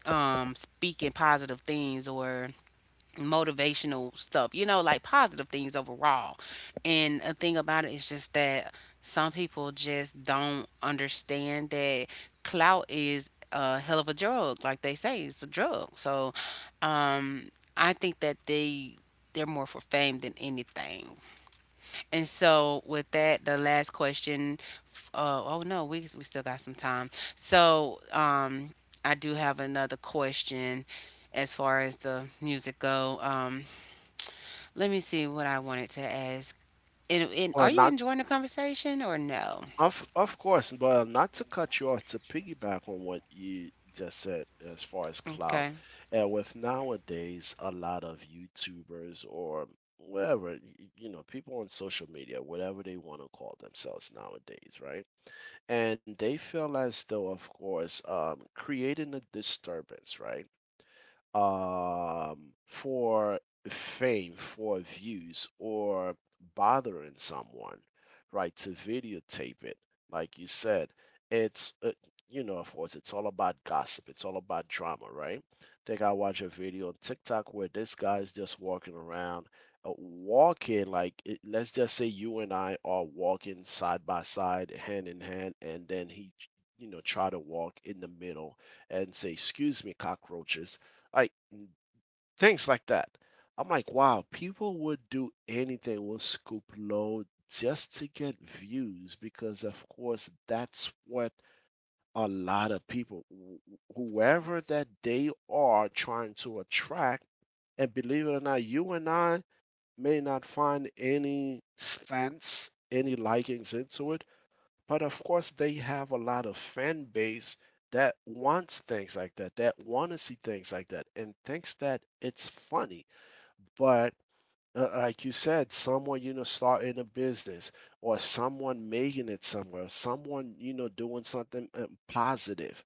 [SPEAKER 1] speaking positive things or motivational stuff, you know, like positive things overall. And a thing about it is just that some people just don't understand that clout is a hell of a drug. Like they say, it's a drug. So um I think that they're more for fame than anything. And so with that, the last question, oh no, we still got some time. So I do have another question as far as the music go. Let me see what I wanted to ask. And are
[SPEAKER 2] Well,
[SPEAKER 1] you
[SPEAKER 2] not
[SPEAKER 1] enjoying the conversation or no?
[SPEAKER 2] of of course, but not to cut you off, to piggyback on what you just said as far as clout,
[SPEAKER 1] Okay.
[SPEAKER 2] and with nowadays a lot of YouTubers or whatever, you know, people on social media, whatever they want to call themselves nowadays, right? And they feel as though, of course, creating a disturbance, right? For fame, for views, or bothering someone, right? To videotape it, like you said, it's you know, of course, it's all about gossip. It's all about drama, right? Think I watch a video on TikTok where this guy's just walking around, walking like it, let's just say you and I are walking side by side, hand in hand, and then he, you know, try to walk in the middle and say, "Excuse me, cockroaches," like things like that. I'm like, wow, people would do anything with Scoop Low just to get views because, of course, that's what a lot of people, whoever that they are trying to attract. And believe it or not, you and I may not find any sense, any likings into it, but of course, they have a lot of fan base that wants things like that, that want to see things like that, and thinks that it's funny. But like you said, someone you know starting a business, or someone making it somewhere, someone you know doing something positive.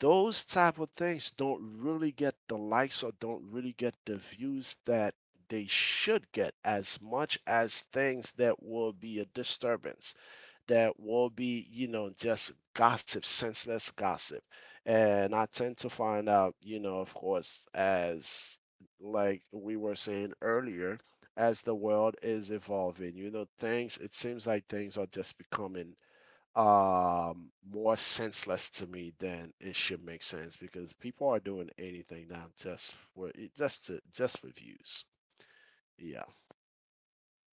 [SPEAKER 2] Those type of things don't really get the likes or don't really get the views that they should get as much as things that will be a disturbance, that will be, you know, just gossip, senseless gossip. And I tend to find out, you know, of course, as like we were saying earlier, as the world is evolving, you know, things, it seems like things are just becoming more senseless to me than it should make sense because people are doing anything now just for just for views. Yeah.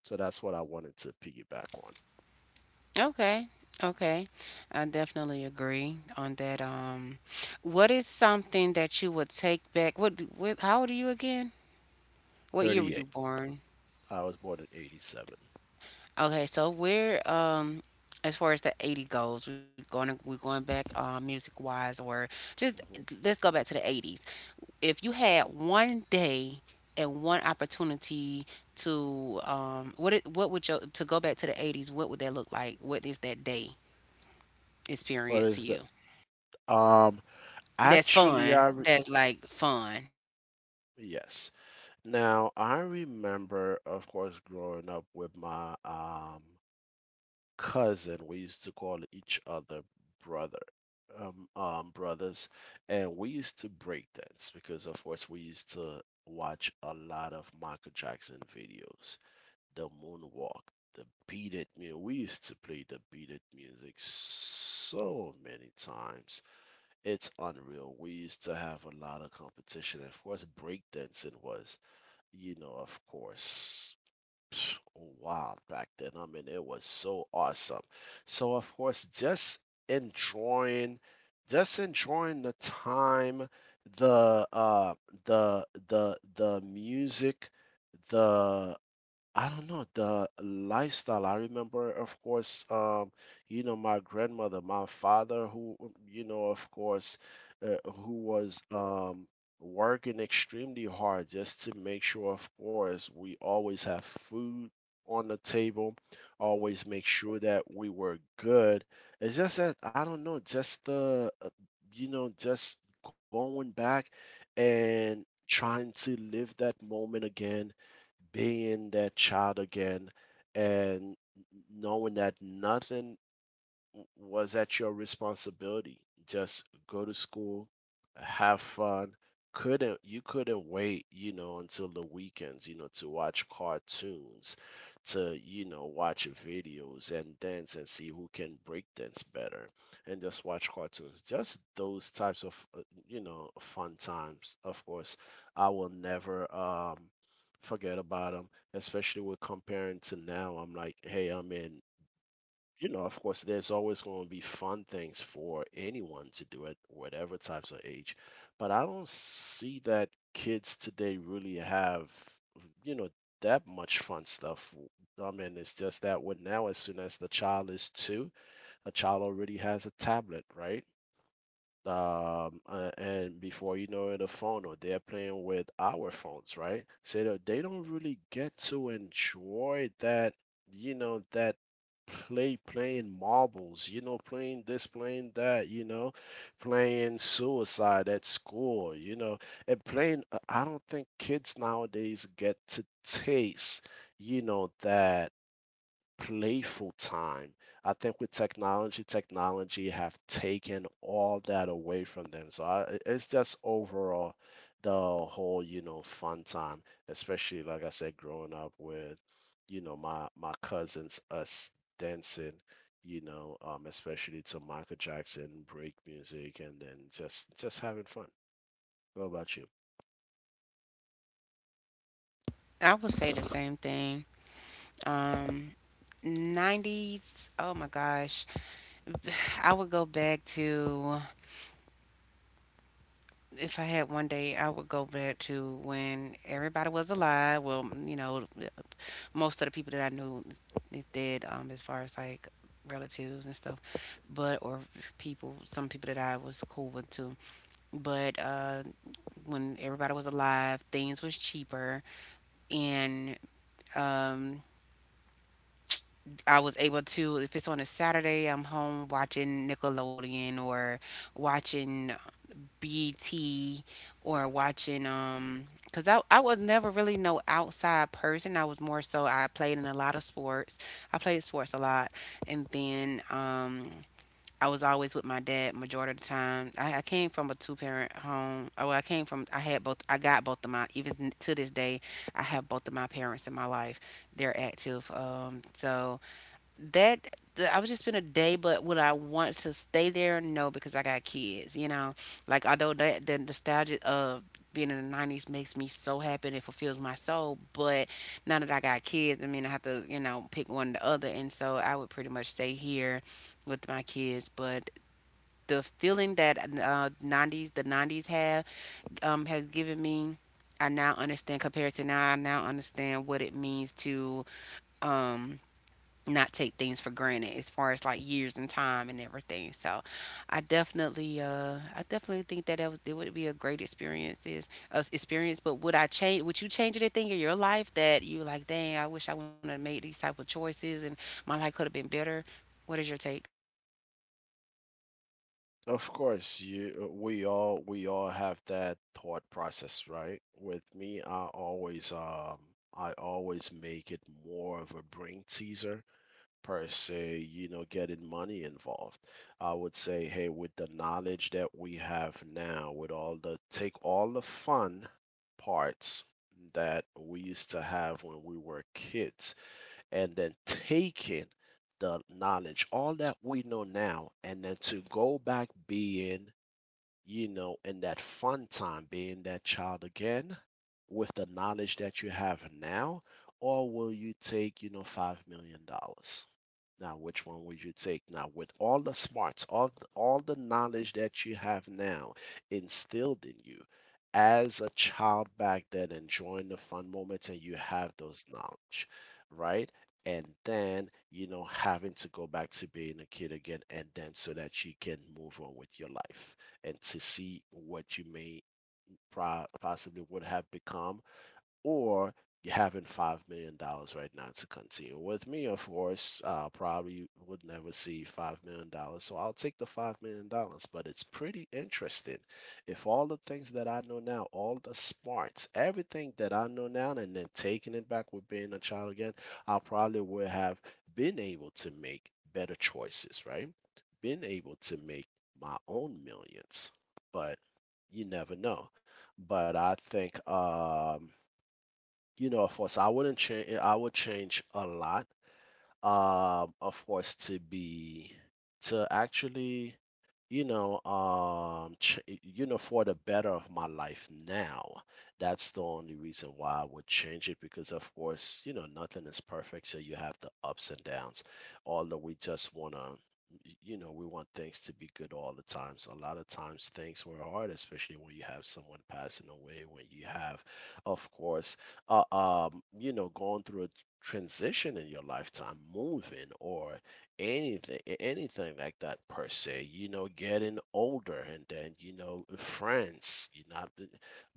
[SPEAKER 2] So that's what I wanted to piggyback on.
[SPEAKER 1] Okay. Okay, I definitely agree on that. What is something that you would take back? What, how old are you again? What year were you
[SPEAKER 2] 38.
[SPEAKER 1] born?
[SPEAKER 2] I was born in '87.
[SPEAKER 1] Okay, so we're as far as the 80 goes, we're going to, we're going back, music wise, or just let's go back to the 80s. If you had one day and one opportunity to what it, what would your to go back to the 80s, what would that look like? What is that day
[SPEAKER 2] What
[SPEAKER 1] experience to
[SPEAKER 2] is
[SPEAKER 1] you?
[SPEAKER 2] that? Um,
[SPEAKER 1] That's
[SPEAKER 2] actually,
[SPEAKER 1] fun. That's like fun.
[SPEAKER 2] yes. Now I remember, of course, growing up with my cousin. We used to call each other brother, brothers, and we used to break dance because, of course, we used to watch a lot of Michael Jackson videos, the moonwalk, the beat it music. We used to play the beat it music so many times. It's unreal. We used to have a lot of competition. Of course, breakdancing was, you know, of course, <sniffs> wild back then. I mean, it was so awesome. So, of course, enjoying, just enjoying the time, the the music, the, I don't know, the lifestyle. I remember, of course, you know, my grandmother, my father, who, you know, of course, who was working extremely hard just to make sure, of course, we always have food on the table, always make sure that we were good. It's just that I don't know, just the, you know, just going back and trying to live that moment again, being that child again, and knowing that nothing, was that your responsibility? Just go to school, have fun. Couldn't you couldn't wait, you know, until the weekends, you know, to watch cartoons, to, you know, watch videos and dance and see who can break dance better and just watch cartoons. Just those types of, you know, fun times. Of course, I will never forget about them, especially with comparing to now. I'm like, hey, I'm in, you know, of course, there's always going to be fun things for anyone to do at whatever types of age. But I don't see that kids today really have, you know, that much fun stuff. I mean, it's just that with now, as soon as the child is two, a child already has a tablet, right? And before you know it, a phone or they're playing with our phones, right? So that they don't really get to enjoy that, you know, that playing marbles, you know, playing this, playing that, you know, playing suicide at school, you know, and playing. I don't think kids nowadays get to taste, you know, that playful time. I think with technology, technology have taken all that away from them. So I, it's just overall the whole, you know, fun time, especially like I said, growing up with, you know, my cousins, us dancing, you know, especially to Michael Jackson, break music, and then just having fun. What about you?
[SPEAKER 1] I would say the same thing. Um 90s. Oh my gosh. <sighs> I would go back to, if I had one day, I would go back to when everybody was alive. Well, you know, most of the people that I knew is dead, as far as like relatives and stuff, but or people, some people that I was cool with too. But when everybody was alive, things was cheaper, and um, I was able to. If it's on a Saturday, I'm home watching Nickelodeon or watching BET or watching because I was never really no outside person. I was more so, I played in a lot of sports. I played sports a lot. And then I was always with my dad majority of the time. I came from a two parent home. Oh, I came from, I had both, I got both of my, even to this day I have both of my parents in my life. They're active. So I would just spend a day, but would I want to stay there? No, because I got kids. You know, like although that the nostalgia of being in the 90s makes me so happy and it fulfills my soul, but now that I got kids, I mean I have to, you know, pick one or the other, and so I would pretty much stay here with my kids. But the feeling that nineties the 90s have has given me. I now understand compared to now. I now understand what it means to um, not take things for granted as far as like years and time and everything. So I definitely think that it would be a great experience, is experience, but would I change, would you change anything in your life that you like, dang, I wish I would have made these type of choices and my life could have been better? What is your take?
[SPEAKER 2] Of course, you we all have that thought process, right? With me, I always make it more of a brain teaser per se, you know, getting money involved. I would say, hey, with the knowledge that we have now, with all the fun parts that we used to have when we were kids, and then taking the knowledge, all that we know now, and then to go back being, you know, in that fun time, being that child again with the knowledge that you have now, or will you take, you know, $5 million? Dollars? Now, which one would you take? Now, with all the smarts, all the knowledge that you have now instilled in you as a child back then, enjoying the fun moments, and you have those knowledge, right? And then, you know, having to go back to being a kid again, and then so that you can move on with your life and to see what you may possibly would have become, or having $5 million right now to continue. With me, of course, probably would never see $5 million, so I'll take the $5 million. But it's pretty interesting. If all the things that I know now, all the smarts, everything that I know now, and then taking it back with being a child again, I probably would have been able to make better choices, right? Been able to make my own millions, but you never know. But I think, you know, of course, I wouldn't change. I would change a lot, of course, to be, to actually, you know, you know, for the better of my life now. That's the only reason why I would change it, because, of course, you know, nothing is perfect, so you have the ups and downs, although we just want to, you know, we want things to be good all the time. So a lot of times things were hard, especially when you have someone passing away, when you have, of course, you know, going through a transition in your lifetime, moving, or anything like that, per se, you know, getting older, and then, you know, friends, you know.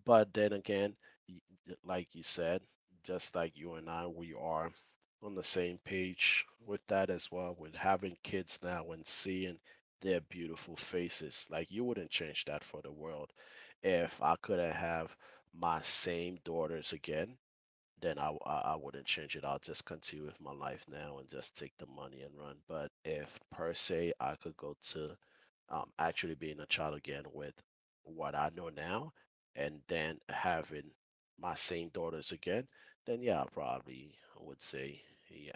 [SPEAKER 2] But then again, y- like you said, just like you and I, we are on the same page with that as well, with having kids now and seeing their beautiful faces. Like, you wouldn't change that for the world. If I couldn't have my same daughters again, then I wouldn't change it. I'll just continue with my life now and just take the money and run. But if, per se, I could go to, actually being a child again with what I know now, and then having my same daughters again, then, yeah, I probably would say, yeah,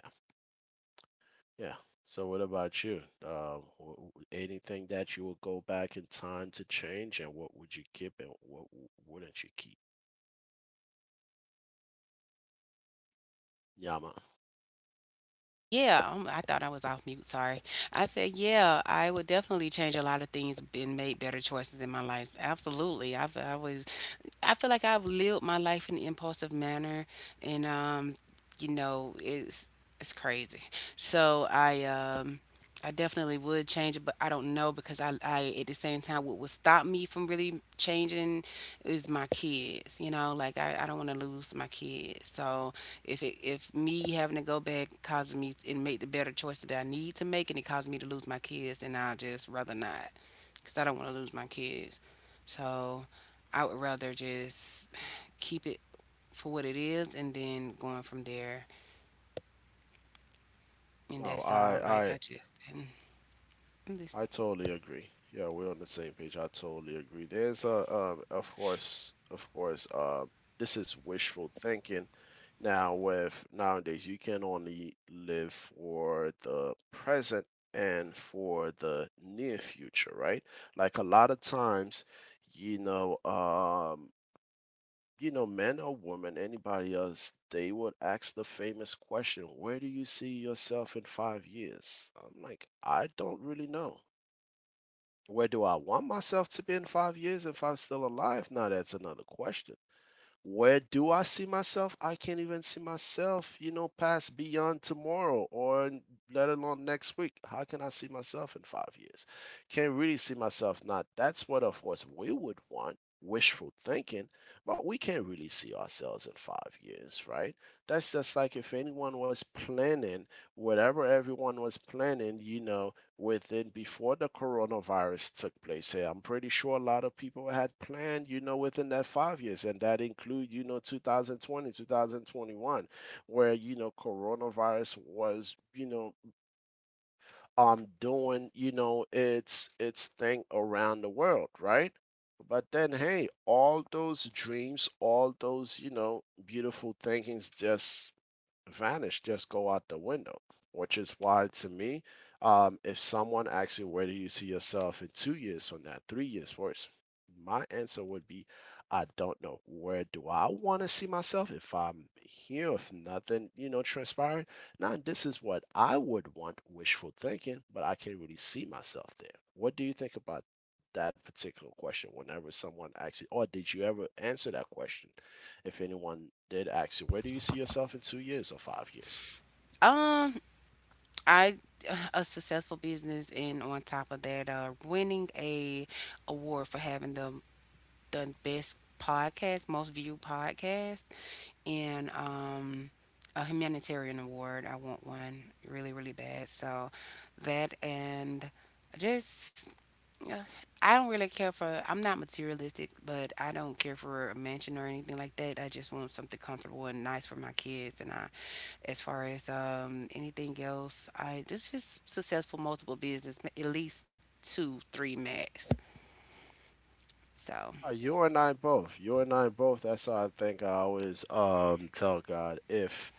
[SPEAKER 2] yeah. So what about you? Anything that you would go back in time to change, and what would you keep, and what wouldn't you keep? Yeah, man.
[SPEAKER 1] Yeah, I thought I was off mute. Sorry. I said, yeah, I would definitely change a lot of things and made better choices in my life. Absolutely. I feel like I've lived my life in an impulsive manner, and you know, it's crazy. So I. I definitely would change it, but I don't know because I at the same time, what would stop me from really changing is my kids. You know, like I don't want to lose my kids. So if it if me having to go back causes me and make the better choices that I need to make, and it causes me to lose my kids, then I just rather not, because I don't want to lose my kids. So I would rather just keep it for what it is, and then going from there. And
[SPEAKER 2] No,
[SPEAKER 1] that's all.
[SPEAKER 2] I,
[SPEAKER 1] Like
[SPEAKER 2] I,
[SPEAKER 1] I just and I'm
[SPEAKER 2] I
[SPEAKER 1] listening.
[SPEAKER 2] totally agree. Yeah, we're on the same page. I totally agree. There's a, of course, this is wishful thinking. Now, with nowadays, you can only live for the present and for the near future, right? Like, a lot of times, you know, um, you know, men or women, anybody else, they would ask the famous question, "Where do you see yourself in 5 years?" I'm like, I don't really know. Where do I want myself to be in 5 years if I'm still alive? Now that's another question. Where do I see myself? I can't even see myself, you know, past beyond tomorrow, or let alone next week. How can I see myself in 5 years? Can't really see myself. Now that's what, of course, we would want, wishful thinking, but we can't really see ourselves in 5 years, right? That's just like if anyone was planning, whatever everyone was planning, you know, within, before the coronavirus took place here. I'm pretty sure a lot of people had planned, you know, within that 5 years, and that include, you know, 2020, 2021, where, you know, coronavirus was, you know, doing, you know, its thing around the world, right? But then, hey, all those dreams, all those, you know, beautiful thinkings just vanish, just go out the window. Which is why, to me, if someone asks you, where do you see yourself in 2 years from now, 3 years, four, my answer would be, I don't know. Where do I want to see myself if I'm here, if nothing, you know, transpired? Now, this is what I would want, wishful thinking, but I can't really see myself there. What do you think about that particular question whenever someone asks you, or did you ever answer that question, if anyone did ask you, where do you see yourself in 2 years or 5 years?
[SPEAKER 1] Um, I <sighs> a successful business, and on top of that, winning a award for having the best podcast, most viewed podcast, and a humanitarian award. I want one really really bad. So that and just yeah. I don't really care for, I'm not materialistic, but I don't care for a mansion or anything like that. I just want something comfortable and nice for my kids. And I, as far as anything else, I just successful multiple business, at least two, three max. So,
[SPEAKER 2] You and I both. You and I both. That's how I think. I always, tell God, if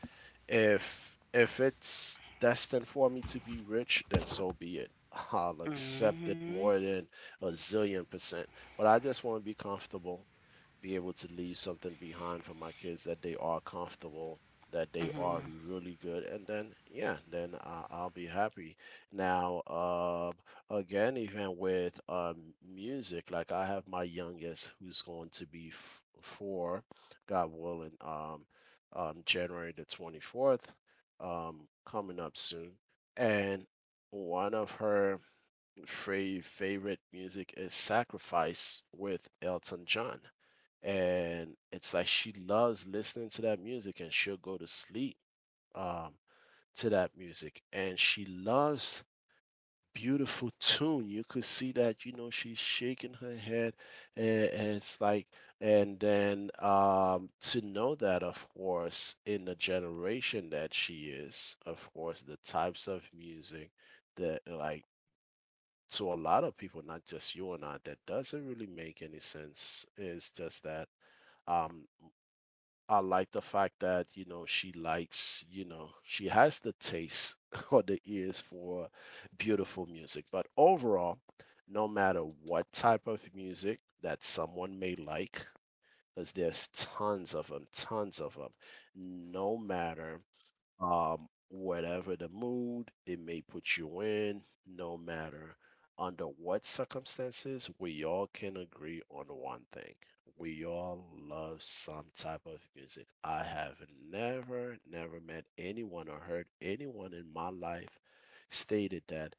[SPEAKER 2] If if it's destined for me to be rich, then so be it. <laughs> I'll accept it more than a zillion percent. But I just want to be comfortable, be able to leave something behind for my kids that they are comfortable, that they are
[SPEAKER 1] mhm.
[SPEAKER 2] really good, and then, yeah, then I'll be happy. Now, again, even with, music, like, I have my youngest who's going to be four, God willing. On January the 24th, coming up soon. And one of her favorite music is Sacrifice with Elton John. And it's like she loves listening to that music, and she'll go to sleep, um, to that music. And she loves beautiful tune. You could see that, you know, she's shaking her head, and it's like, and then, to know that, of course, in the generation that she is, of course, the types of music that, like, to a lot of people, not just you and I, that doesn't really make any sense. It's just that. Um, I like the fact that, you know, she likes, you know, she has the taste, <laughs> or the ears for beautiful music. But overall, no matter what type of music that someone may like, because there's tons of them, no matter, whatever the mood it may put you in, no matter under what circumstances, we all can agree on one thing. We all love some type of music. I have never, never met anyone or heard anyone in my life stated that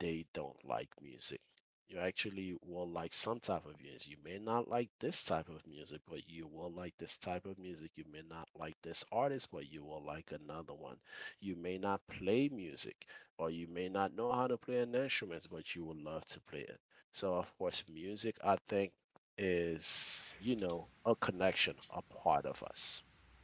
[SPEAKER 2] they don't like music. You actually will like some type of music. You may not like this type of music, but you will like this type of music. You may not like this artist, but you will like another one. You may not play music, or you may not know how to play an instrument, but you will love to play it. So, of course, music, I think, is, you know, a connection, a part of us.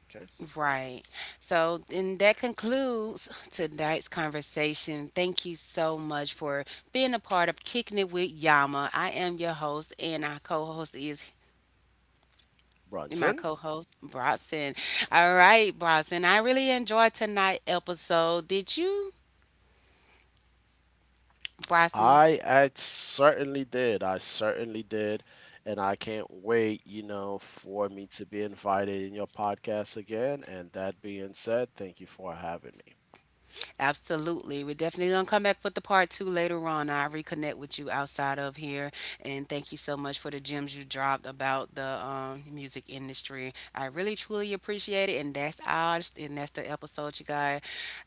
[SPEAKER 2] Okay.
[SPEAKER 1] Right. So, and that concludes tonight's conversation. Thank you so much for being a part of Kicking It With Yama. I am your host, and our co host is my
[SPEAKER 2] Bronson?
[SPEAKER 1] co-host Bronson. All right, Bronson. I really enjoyed tonight episode. Did you, Bronson?
[SPEAKER 2] I certainly did. I certainly did. And I can't wait, you know, for me to be invited in your podcast again. And that being said, thank you for having me.
[SPEAKER 1] Absolutely. We're definitely going to come back with the part two later on. I reconnect with you outside of here. And thank you so much for the gems you dropped about the music industry. I really, truly appreciate it. And that's ours. And that's the episode, you guys.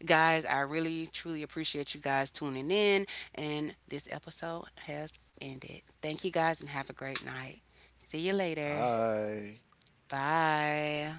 [SPEAKER 1] Guys, I really, truly appreciate you guys tuning in. And this episode has ended. Thank you guys and have a great night. See you later.
[SPEAKER 2] Bye.
[SPEAKER 1] Bye.